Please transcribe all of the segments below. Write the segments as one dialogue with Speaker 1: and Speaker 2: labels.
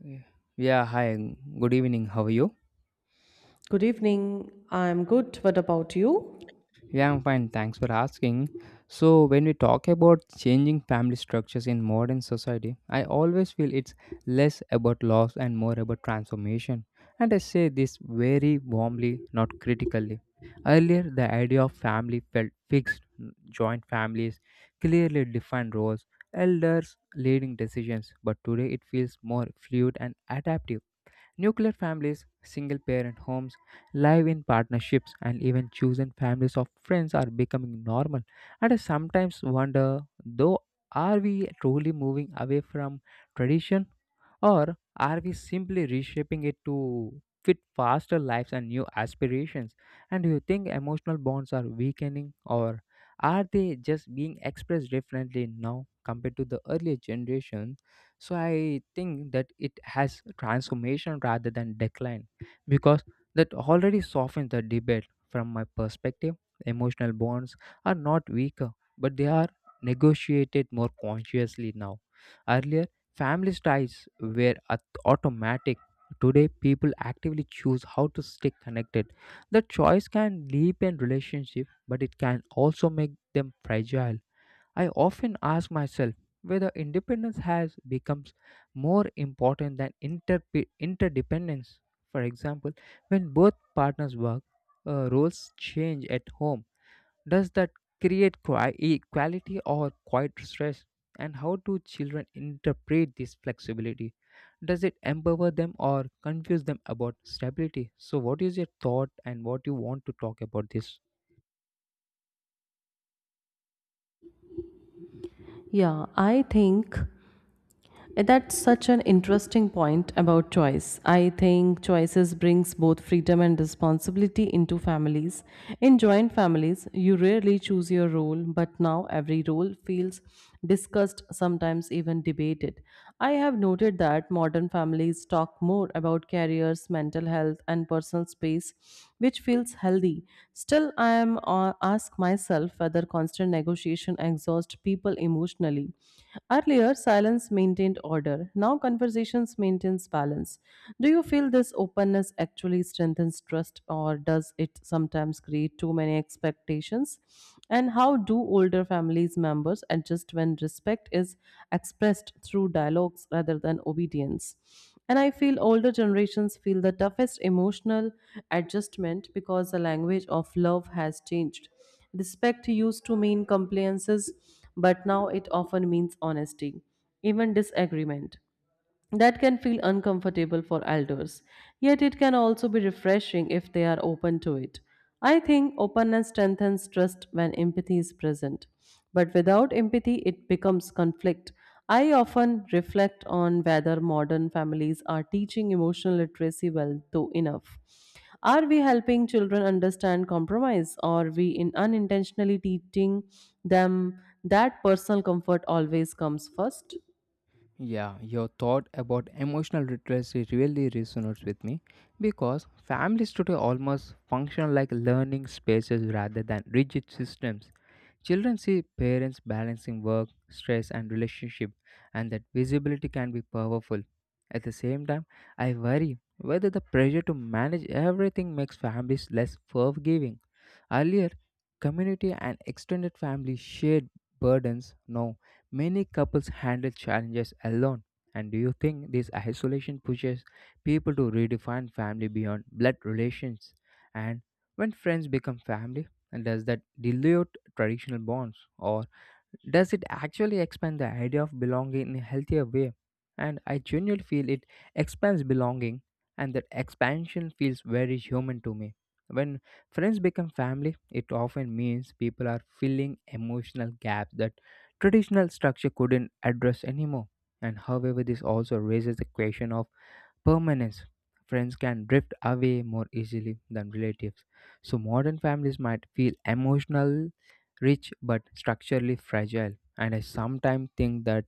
Speaker 1: Yeah, Yeah, hi, good evening. How are you?
Speaker 2: Good evening. I'm good. What about you?
Speaker 1: Yeah, I'm fine. Thanks for asking. So, when we talk about changing family structures in modern society, I always feel it's less about loss and more about transformation. And I say this very warmly, not critically. Earlier, the idea of family felt fixed, joint families, clearly defined roles, elders leading decisions, but today it feels more fluid and adaptive. Nuclear families, single parent homes, live in partnerships, and even chosen families of friends are becoming normal. And I sometimes wonder though, are we truly moving away from tradition or are we simply reshaping it to fit faster lives and new aspirations? And do you think emotional bonds are weakening or are they just being expressed differently now compared to the earlier generation? So I think that it has transformation rather than decline because that already softens the debate from my perspective. Emotional bonds are not weaker, but they are negotiated more consciously now. Earlier, family ties were automatic. Today, people actively choose how to stay connected. The choice can deepen relationship, but it can also make them fragile. I often ask myself whether independence has becomes more important than interdependence. For example, when both partners work, roles change at home, does that create equality or quite stress? And how do children interpret this flexibility? Does it empower them or confuse them about stability? So, what is your thought and what you want to talk about this?
Speaker 2: Yeah, I think that's such an interesting point about choice. I think choices brings both freedom and responsibility into families. In joint families, you rarely choose your role, but now every role feels discussed, sometimes even debated. I have noted that modern families talk more about careers, mental health, and personal space which feels healthy. Still, I am ask myself whether constant negotiation exhausts people emotionally. Earlier, silence maintained order. Now, conversations maintains balance. Do you feel this openness actually strengthens trust, or does it sometimes create too many expectations? And how do older families members adjust when respect is expressed through dialogues rather than obedience? And I feel older generations feel the toughest emotional adjustment because the language of love has changed. Respect used to mean compliances, but now it often means honesty, even disagreement. That can feel uncomfortable for elders, yet it can also be refreshing if they are open to it. I think openness strengthens trust when empathy is present. But without empathy, it becomes conflict. I often reflect on whether modern families are teaching emotional literacy well, though enough. Are we helping children understand compromise, or are we in unintentionally teaching them that personal comfort always comes first?
Speaker 1: Yeah, your thought about emotional literacy really resonates with me because families today almost function like learning spaces rather than rigid systems. Children see parents balancing work, stress, and relationship, and that visibility can be powerful. At the same time, I worry whether the pressure to manage everything makes families less forgiving. Earlier, community and extended family shared burdens. Now, many couples handle challenges alone. And do you think this isolation pushes people to redefine family beyond blood relations? And when friends become family, and does that dilute traditional bonds? Or does it actually expand the idea of belonging in a healthier way? And I genuinely feel it expands belonging, and that expansion feels very human to me. When friends become family, it often means people are filling emotional gaps that traditional structure couldn't address anymore. And however, this also raises the question of permanence. Friends can drift away more easily than relatives. So, modern families might feel emotional rich but structurally fragile. And I sometimes think that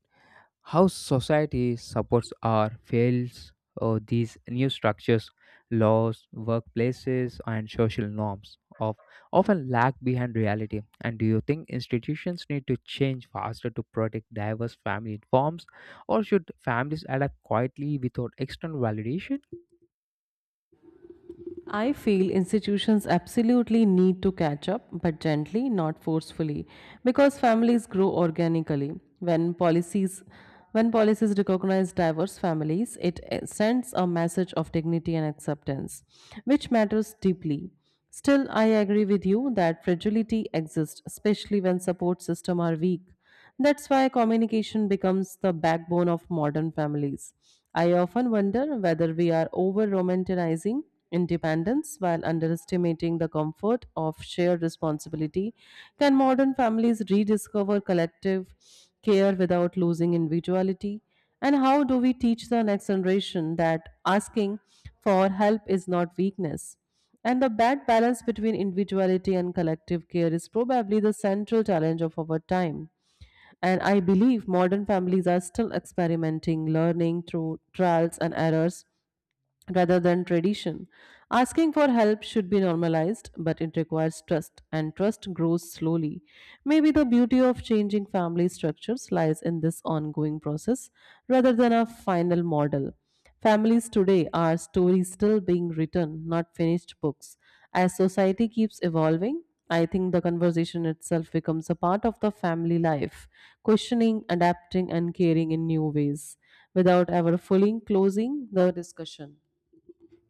Speaker 1: how society supports or fails these new structures, laws, workplaces, and social norms of often lag behind reality. And do you think institutions need to change faster to protect diverse family forms, or should families adapt quietly without external validation?
Speaker 2: I feel institutions absolutely need to catch up, but gently, not forcefully, because families grow organically. When policies when policies recognize diverse families, it sends a message of dignity and acceptance, which matters deeply. Still, I agree with you that fragility exists, especially when support systems are weak. That's why communication becomes the backbone of modern families. I often wonder whether we are over romanticizing independence while underestimating the comfort of shared responsibility. Can modern families rediscover collective care without losing individuality? And how do we teach the next generation that asking for help is not weakness? And the bad balance between individuality and collective care is probably the central challenge of our time. And I believe modern families are still experimenting, learning through trials and errors rather than tradition. Asking for help should be normalized, but it requires trust, and trust grows slowly. Maybe the beauty of changing family structures lies in this ongoing process rather than a final model. Families today are stories still being written, not finished books. As society keeps evolving, I think the conversation itself becomes a part of the family life, questioning, adapting, and caring in new ways without ever fully closing the discussion.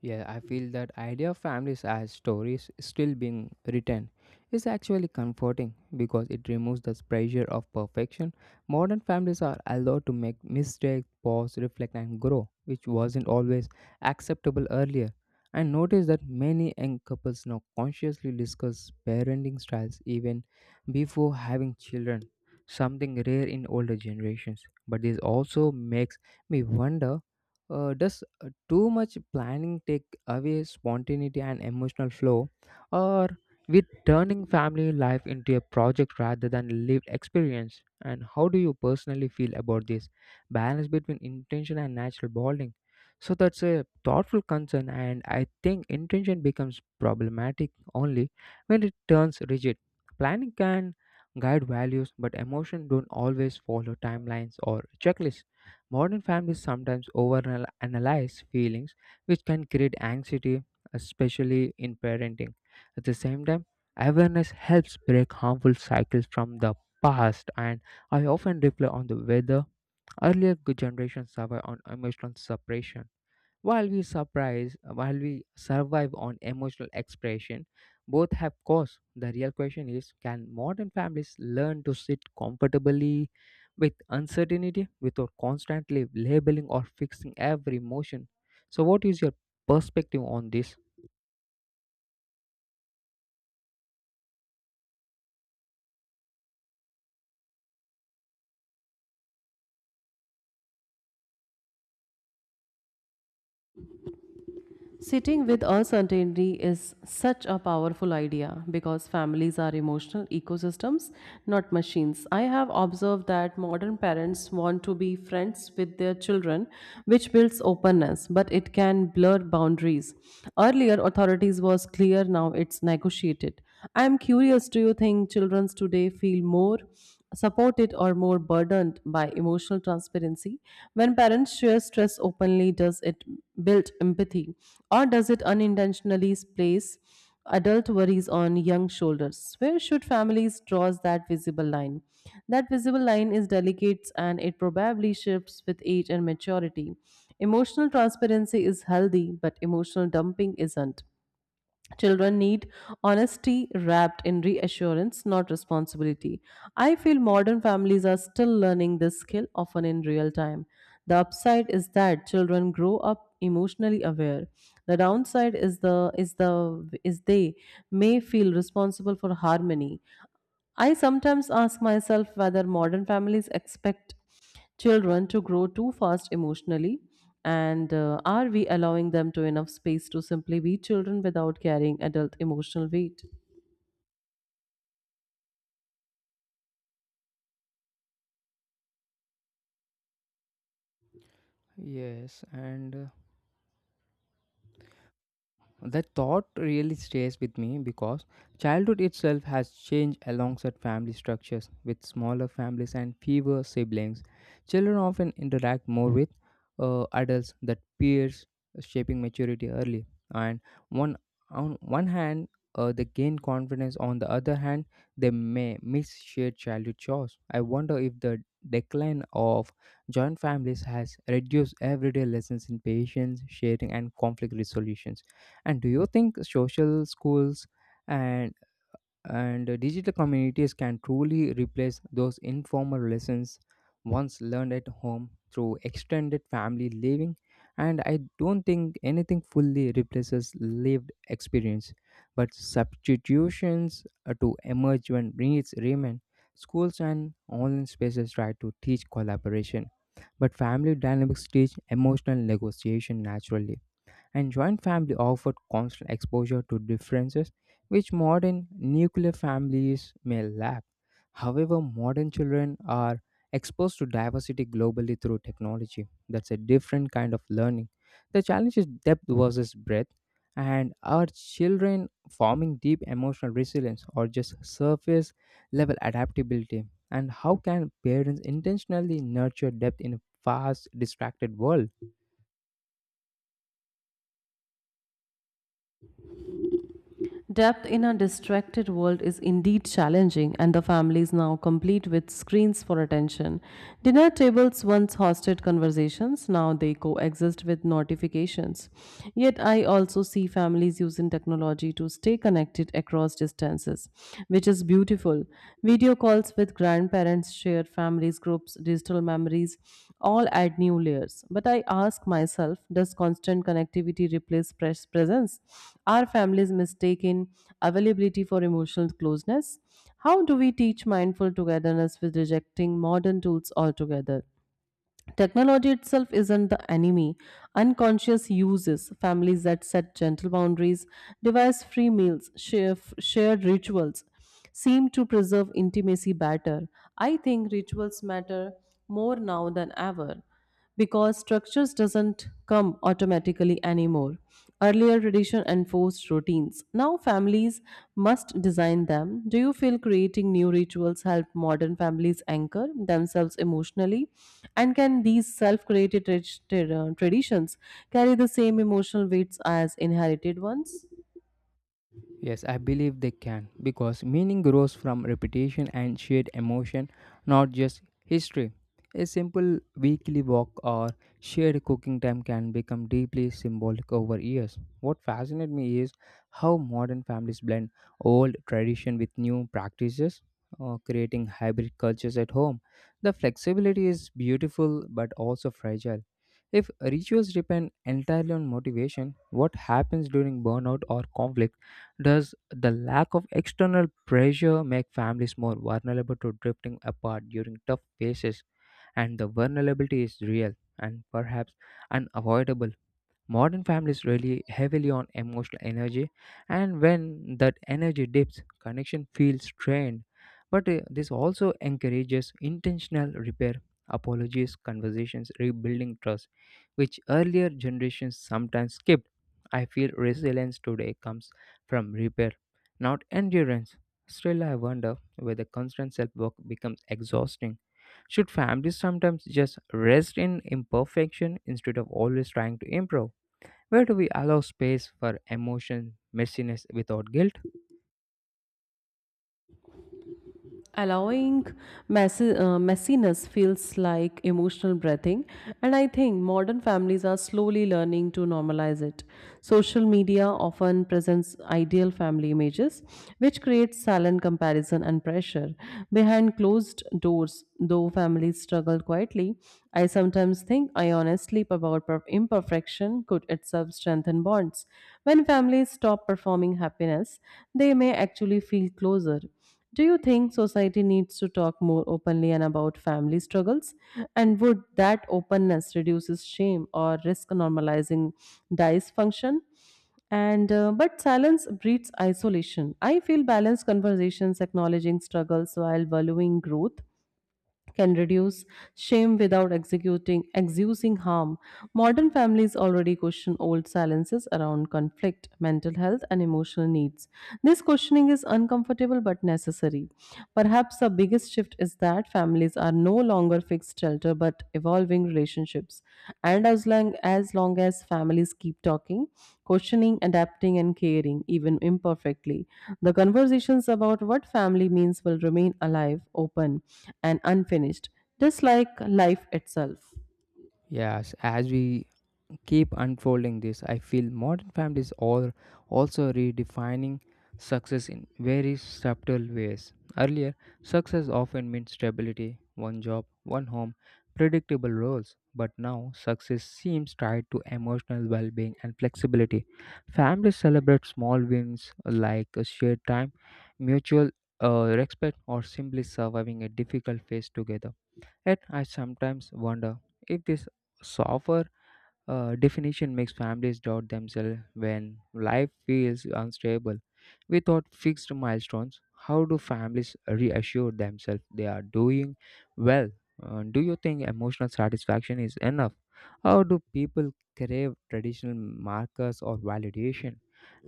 Speaker 1: Yeah, I feel that idea of families as stories still being written is actually comforting because it removes the pressure of perfection. Modern families are allowed to make mistakes, pause, reflect, and grow, which wasn't always acceptable earlier. I notice that many young couples now consciously discuss parenting styles even before having children, something rare in older generations. But this also makes me wonder, does too much planning take away spontaneity and emotional flow, or with turning family life into a project rather than lived experience? And how do you personally feel about this balance between intention and natural bonding? So that's a thoughtful concern, and I think intention becomes problematic only when it turns rigid. Planning can guide values, but emotion don't always follow timelines or checklists. Modern families sometimes overanalyze feelings, which can create anxiety, especially in parenting. At the same time, awareness helps break harmful cycles from the past, and I often reflect on the whether earlier good generations survive on emotional suppression. While we survive on emotional expression, both have costs. The real question is can modern families learn to sit comfortably with uncertainty without constantly labeling or fixing every emotion? So, what is your perspective on this?
Speaker 2: Sitting with uncertainty is such a powerful idea because families are emotional ecosystems, not machines. I have observed that modern parents want to be friends with their children, which builds openness, but it can blur boundaries. Earlier, authorities was clear, now it's negotiated. I am curious, do you think children today feel more supported or more burdened by emotional transparency? When parents share stress openly, does it build empathy or does it unintentionally place adult worries on young shoulders? Where should families draw that visible line? That visible line is delicate and it probably shifts with age and maturity. Emotional transparency is healthy, but emotional dumping isn't. Children need honesty wrapped in reassurance, not responsibility. I feel modern families are still learning this skill, often in real time. The upside is that children grow up emotionally aware. The downside is they may feel responsible for harmony. I sometimes ask myself whether modern families expect children to grow too fast emotionally and are we allowing them to enough space to simply be children without carrying adult emotional weight?
Speaker 1: Yes, and that thought really stays with me because childhood itself has changed alongside family structures. With smaller families and fewer siblings, children often interact more with adults that peers shaping maturity early. And one on one hand, they gain confidence. On the other hand, they may miss shared childhood chores. I wonder if the decline of joint families has reduced everyday lessons in patience, sharing, and conflict resolutions. And do you think social schools and and digital communities can truly replace those informal lessons once learned at home through extended family living? And I don't think anything fully replaces lived experience, but substitutions to emerge when needs remain. Schools and online spaces try to teach collaboration, but family dynamics teach emotional negotiation naturally and joint family offered constant exposure to differences which modern nuclear families may lack. However, modern children are exposed to diversity globally through technology. That's a different kind of learning. The challenge is depth versus breadth, and are children forming deep emotional resilience or just surface level adaptability. And how can parents intentionally nurture depth in a fast, distracted world?
Speaker 2: Depth in a distracted world is indeed challenging, and the family is now complete with screens for attention. Dinner tables once hosted conversations, now they coexist with notifications. Yet, I also see families using technology to stay connected across distances, which is beautiful. Video calls with grandparents, shared families groups, digital memories all add new layers. But I ask myself, does constant connectivity replace presence? Are families mistaken availability for emotional closeness? How do we teach mindful togetherness with rejecting modern tools altogether? Technology itself isn't the enemy. Unconscious uses, families that set gentle boundaries, device free meals, shared rituals, seem to preserve intimacy better. I think rituals matter more now than ever because structures doesn't come automatically anymore. Earlier tradition enforced routines, now families must design them. Do you feel creating new rituals help modern families anchor themselves emotionally, and can these self-created traditions carry the same emotional weights as inherited ones?
Speaker 1: Yes, I believe they can because meaning grows from repetition and shared emotion, not just history. A simple weekly walk or shared cooking time can become deeply symbolic over years. What fascinates me is how modern families blend old tradition with new practices, creating hybrid cultures at home. The flexibility is beautiful but also fragile. If rituals depend entirely on motivation, what happens during burnout or conflict? Does the lack of external pressure make families more vulnerable to drifting apart during tough phases? And the vulnerability is real and perhaps unavoidable. Modern families rely heavily on emotional energy, and when that energy dips, connection feels strained. But this also encourages intentional repair, apologies, conversations, rebuilding trust, which earlier generations sometimes skipped. I feel resilience today comes from repair, not endurance. Still, I wonder whether constant self work becomes exhausting. Should families sometimes just rest in imperfection instead of always trying to improve? Where do we allow space for emotion, messiness without guilt?
Speaker 2: Allowing messiness feels like emotional breathing, and I think modern families are slowly learning to normalize it. Social media often presents ideal family images, which creates silent comparison and pressure. Behind closed doors, though, families struggle quietly. I sometimes think ionically about imperfection could itself strengthen bonds. When families stop performing happiness, they may actually feel closer. Do you think society needs to talk more openly and about family struggles? And would that openness reduces shame or risk normalizing dysfunction? And but silence breeds isolation. I feel balanced conversations acknowledging struggles while valuing growth can reduce shame without executing exusing harm. Modern families already question old silences around conflict, mental health, and emotional needs. This questioning is uncomfortable but necessary. Perhaps the biggest shift is that families are no longer fixed shelter but evolving relationships. And as long as families keep talking, questioning, adapting, and caring, even imperfectly, the conversations about what family means will remain alive, open, and unfinished, just like life itself.
Speaker 1: Yes, as we keep unfolding this, I feel modern families are also redefining success in very subtle ways. Earlier, success often meant stability, one job, one home, predictable roles, but now success seems tied to emotional well-being and flexibility. Families celebrate small wins like a shared time, mutual respect, or simply surviving a difficult phase together. Yet I sometimes wonder if this softer definition makes families doubt themselves when life feels unstable. Without fixed milestones, how do families reassure themselves they are doing well? Do you think emotional satisfaction is enough? How do people crave traditional markers or validation?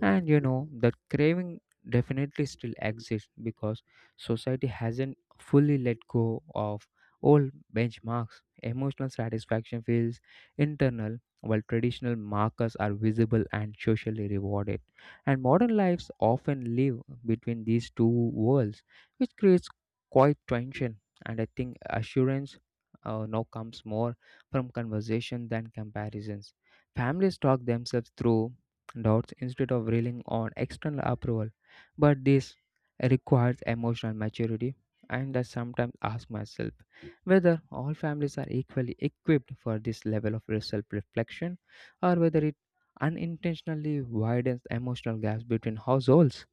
Speaker 1: And you know, that craving definitely still exists because society hasn't fully let go of old benchmarks. Emotional satisfaction feels internal while traditional markers are visible and socially rewarded. And modern lives often live between these two worlds, which creates quite tension. And I think assurance now comes more from conversation than comparisons. Families talk themselves through doubts instead of relying on external approval, but this requires emotional maturity. And I sometimes ask myself whether all families are equally equipped for this level of self reflection or whether it unintentionally widens the emotional gaps between households.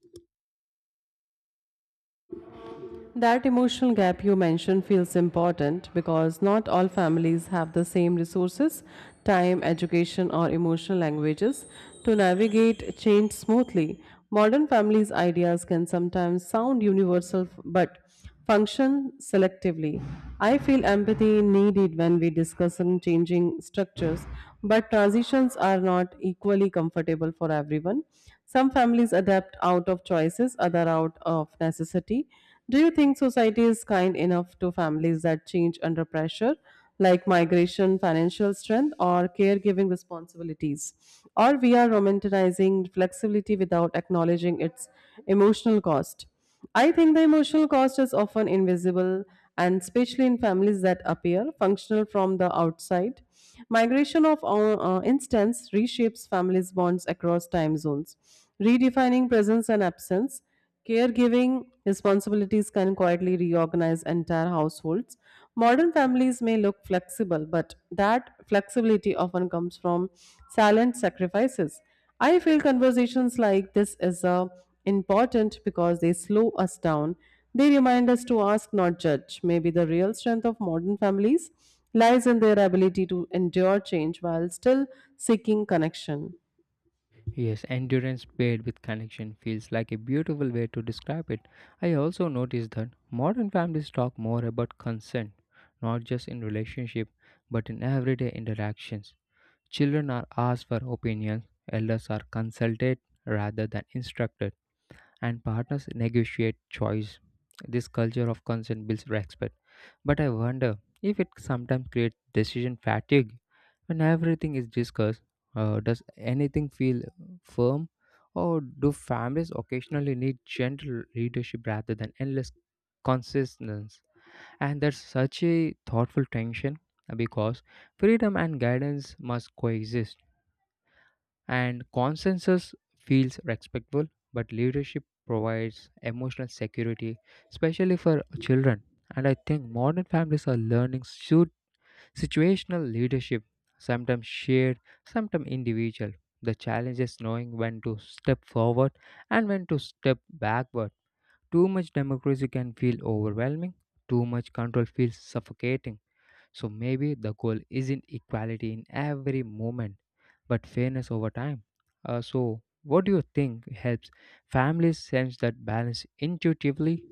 Speaker 2: That emotional gap you mentioned feels important because not all families have the same resources, time, education, or emotional languages to navigate change smoothly. Modern families' ideas can sometimes sound universal but function selectively. I feel empathy needed when we discuss in changing structures, but transitions are not equally comfortable for everyone. Some families adapt out of choices, other out of necessity. Do you think society is kind enough to families that change under pressure, like migration, financial strength, or caregiving responsibilities? Or we are romanticizing flexibility without acknowledging its emotional cost? I think the emotional cost is often invisible, and especially in families that appear functional from the outside. Migration of instance reshapes families' bonds across time zones, redefining presence and absence. Caregiving responsibilities can quietly reorganize entire households. Modern families may look flexible, but that flexibility often comes from silent sacrifices. I feel conversations like this is important because they slow us down. They remind us to ask, not judge. Maybe the real strength of modern families lies in their ability to endure change while still seeking connection.
Speaker 1: Yes, endurance paired with connection feels like a beautiful way to describe it. I also noticed that modern families talk more about consent, not just in relationship, but in everyday interactions. Children are asked for opinions, elders are consulted rather than instructed and partners negotiate choice. This culture of consent builds respect. But I wonder if it sometimes creates decision fatigue. When everything is discussed, does anything feel firm? Or do families occasionally need gentle leadership rather than endless consistency? And that's such a thoughtful tension because freedom and guidance must coexist. And consensus feels respectful, but leadership provides emotional security, especially for children. And I think modern families are learning shoot situational leadership, sometimes shared, sometimes individual. The challenge is knowing when to step forward and when to step backward. Too much democracy can feel overwhelming, too much control feels suffocating. So maybe the goal isn't equality in every moment, but fairness over time. So, what do you think helps families sense that balance intuitively?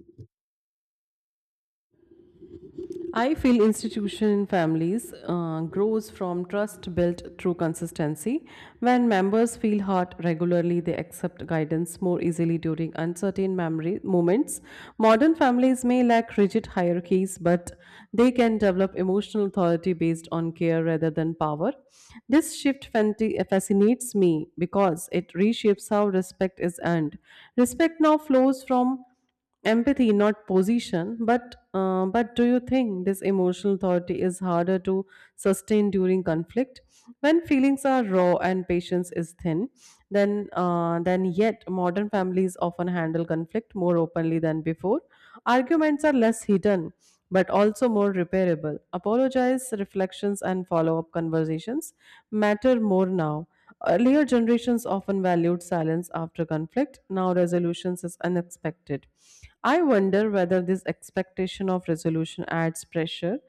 Speaker 2: I feel institution in families grows from trust built through consistency. When members feel hurt regularly, they accept guidance more easily during uncertain memory moments. Modern families may lack rigid hierarchies, but they can develop emotional authority based on care rather than power. This shift fascinates me because it reshapes how respect is earned. Respect now flows from empathy not position, but do you think this emotional authority is harder to sustain during conflict when feelings are raw and patience is thin? Then yet modern families often handle conflict more openly than before. Arguments are less hidden but also more repairable. Apologize, reflections, and follow up conversations matter more now. Earlier generations often valued silence after conflict. Now resolutions is unexpected. I wonder whether this expectation of resolution adds pressure.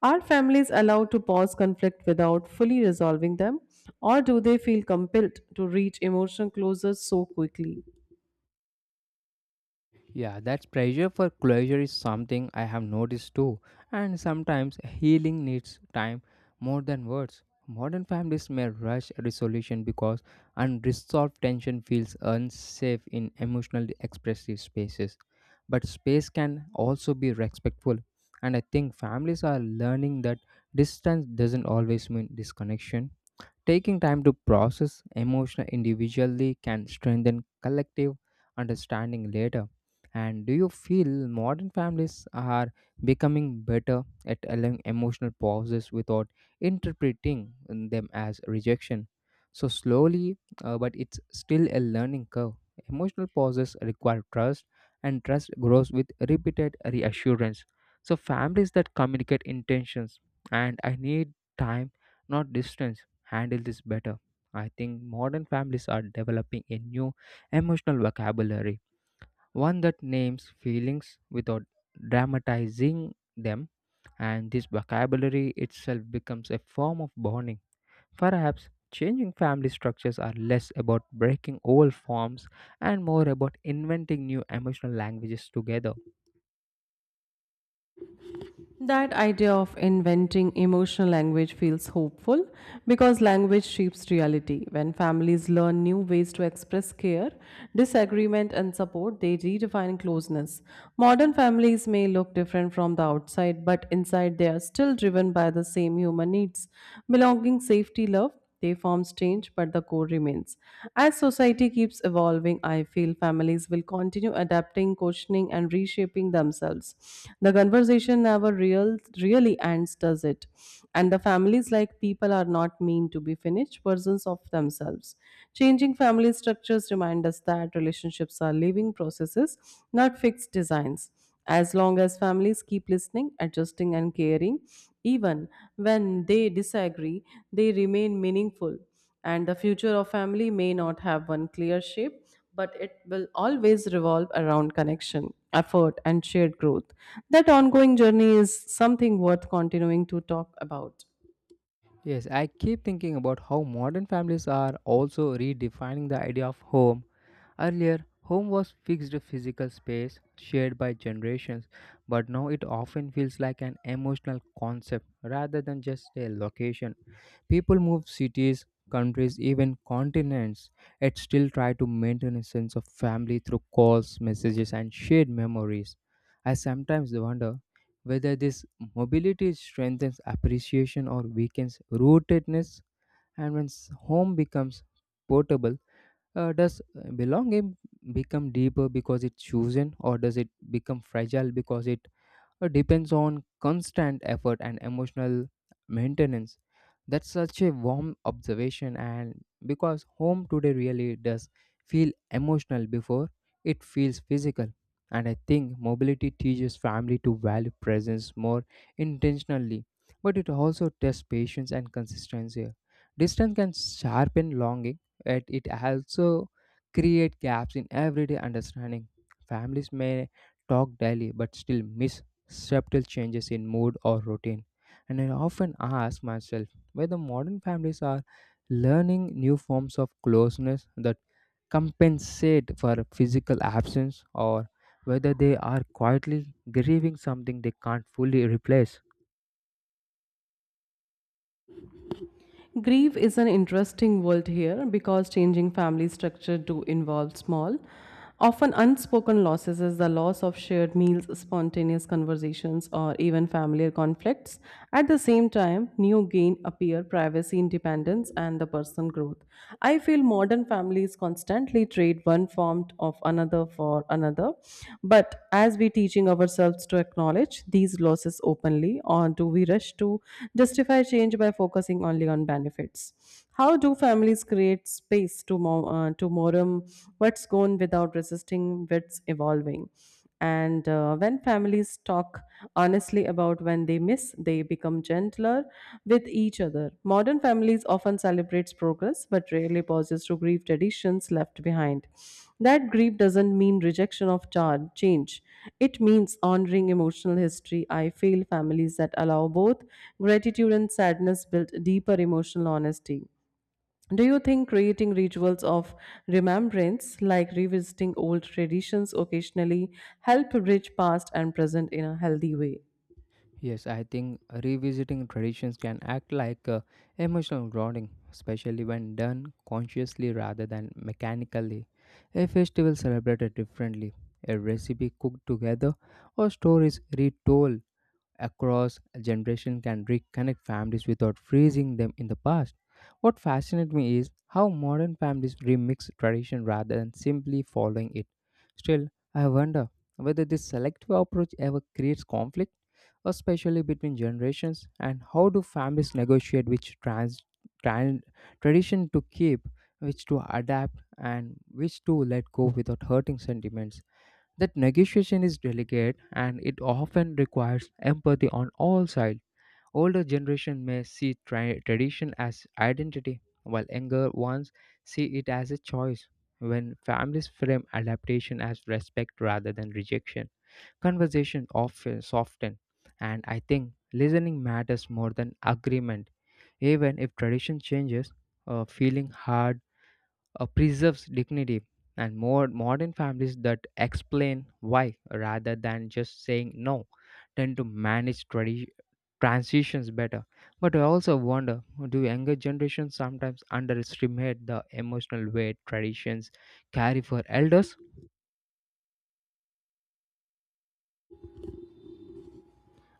Speaker 2: Are families allowed to pause conflict without fully resolving them, or do they feel compelled to reach emotional closure so quickly?
Speaker 1: Yeah, that pressure for closure is something I have noticed too, and sometimes healing needs time more than words. Modern families may rush resolution because unresolved tension feels unsafe in emotionally expressive spaces. But space can also be respectful, and I think families are learning that distance doesn't always mean disconnection. Taking time to process emotion individually can strengthen collective understanding later. And do you feel modern families are becoming better at allowing emotional pauses without interpreting them as rejection? So, slowly, but it's still a learning curve. Emotional pauses require trust, and trust grows with repeated reassurance. So, families that communicate intentions and I need time, not distance handle this better. I think modern families are developing a new emotional vocabulary, one that names feelings without dramatizing them, and this vocabulary itself becomes a form of bonding. Perhaps changing family structures are less about breaking old forms and more about inventing new emotional languages together.
Speaker 2: That idea of inventing emotional language feels hopeful because language shapes reality. When families learn new ways to express care, disagreement, and support, they redefine closeness. Modern families may look different from the outside, but inside they are still driven by the same human needs: belonging, safety, love. They forms change, but the core remains. As society keeps evolving, I feel families will continue adapting, questioning, and reshaping themselves. The conversation never really ends, does it? And the families, like people, are not mean to be finished versions of themselves. Changing family structures remind us that relationships are living processes, not fixed designs. As long as families keep listening, adjusting, and caring, even when they disagree, they remain meaningful. And the future of family may not have one clear shape, but it will always revolve around connection, effort, and shared growth. That ongoing journey is something worth continuing to talk about.
Speaker 1: Yes, I keep thinking about how modern families are also redefining the idea of home. Earlier, home was fixed physical space shared by generations, but now it often feels like an emotional concept rather than just a location. People move cities, countries, even continents, yet still try to maintain a sense of family through calls, messages, and shared memories. I sometimes wonder whether this mobility strengthens appreciation or weakens rootedness, and when home becomes portable, does belonging become deeper because it's chosen, or does it become fragile because it depends on constant effort and emotional maintenance. That's such a warm observation, and because home today really does feel emotional before it feels physical. And I think mobility teaches family to value presence more intentionally, but it also tests patience and consistency. Distance can sharpen longing, yet it also create gaps in everyday understanding. Families may talk daily but still miss subtle changes in mood or routine. And I often ask myself whether modern families are learning new forms of closeness that compensate for physical absence or whether they are quietly grieving something they can't fully replace.
Speaker 2: Grief is an interesting world here because changing family structure do involve small, often unspoken losses as the loss of shared meals, spontaneous conversations, or even familiar conflicts. At the same time, new gain appear: privacy, independence, and the personal growth. I feel modern families constantly trade one form account of another for another. But as we teaching ourselves to acknowledge these losses openly, or do we rush to justify change by focusing only on benefits? How do families create space to mourn what's gone without resisting what's evolving? And when families talk honestly about when they miss, they become gentler with each other. Modern families often celebrates progress but rarely pauses to grieve traditions left behind. That grief doesn't mean rejection of change. It means honoring emotional history. I feel families that allow both gratitude and sadness build deeper emotional honesty. Do you think creating rituals of remembrance, like revisiting old traditions occasionally, help bridge past and present in a healthy way?
Speaker 1: Yes, I think revisiting traditions can act like emotional grounding, especially when done consciously rather than mechanically. A festival celebrated differently, a recipe cooked together, or stories retold across a generation can reconnect families without freezing them in the past. What fascinates me is how modern families remix tradition rather than simply following it. Still, I wonder whether this selective approach ever creates conflict, especially between generations, and how do families negotiate tran- tradition to keep, which to adapt, and which to let go without hurting sentiments. That negotiation is delicate and it often requires empathy on all sides. Older generation may see tradition as identity, while younger ones see it as a choice. When families frame adaptation as respect rather than rejection, conversation often soften. And I think listening matters more than agreement. Even if tradition changes, feeling hard preserves dignity, and more modern families that explain why rather than just saying no tend to manage transitions better. But I also wonder, do younger generations sometimes underestimate the emotional weight traditions carry for elders?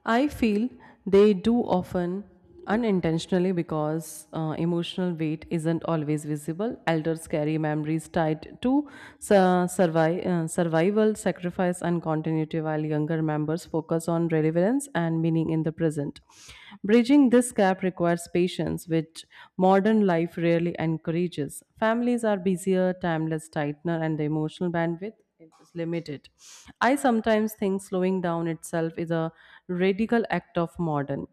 Speaker 2: I feel they do often unintentionally because emotional weight isn't always visible. Elders carry memories tied to survival, sacrifice, and continuity, while younger members focus on relevance and meaning in the present. Bridging this gap requires patience, which modern life rarely encourages. Families are busier, timeless, tightener, and the emotional bandwidth it is limited. I sometimes think slowing down itself is a radical act of modern.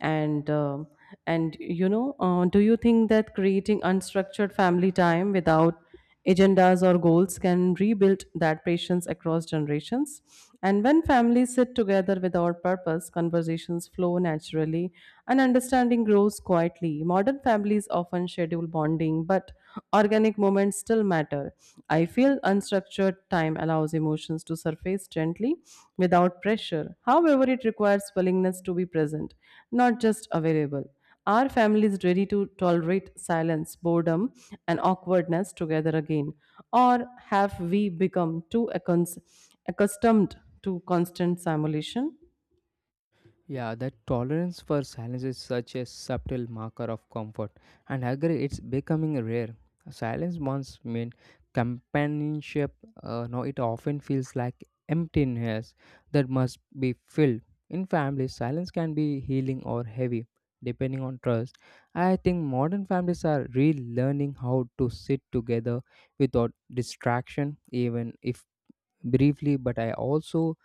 Speaker 2: And uh, and you know, do you think that creating unstructured family time without agendas or goals can rebuild that patience across generations? And when families sit together without purpose, conversations flow naturally, and understanding grows quietly. Modern families often schedule bonding, but organic moments still matter. I feel unstructured time allows emotions to surface gently without pressure. However, it requires willingness to be present, not just available. Are families ready to tolerate silence, boredom, and awkwardness together again? Or have we become too accustomed to constant simulation?
Speaker 1: Yeah, that tolerance for silence is such a subtle marker of comfort, and I agree it's becoming rare. Silence once meant companionship, now it often feels like emptiness that must be filled. In families, silence can be healing or heavy, depending on trust. I think modern families are relearning how to sit together without distraction, even if briefly, but I also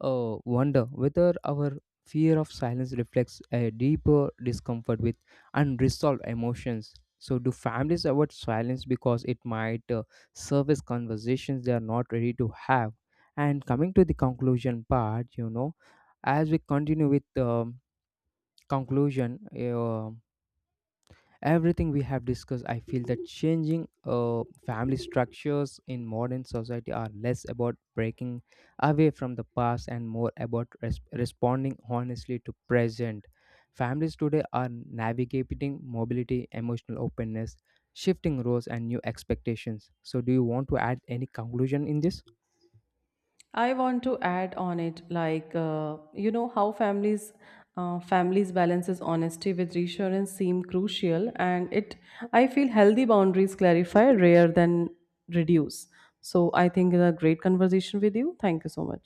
Speaker 1: wonder whether our fear of silence reflects a deeper discomfort with unresolved emotions. So, do families avoid silence because it might surface conversations they are not ready to have? And coming to the conclusion part, you know, as we continue with the conclusion, everything we have discussed, I feel that changing family structures in modern society are less about breaking away from the past and more about responding honestly to present. Families today are navigating mobility, emotional openness, shifting roles, and new expectations. So do you want to add any conclusion in this?
Speaker 2: I want to add on it, like, you know, how families families balances honesty with reassurance seem crucial, and it I feel healthy boundaries clarify rather than reduce. So I think it's a great conversation with you. Thank you so much.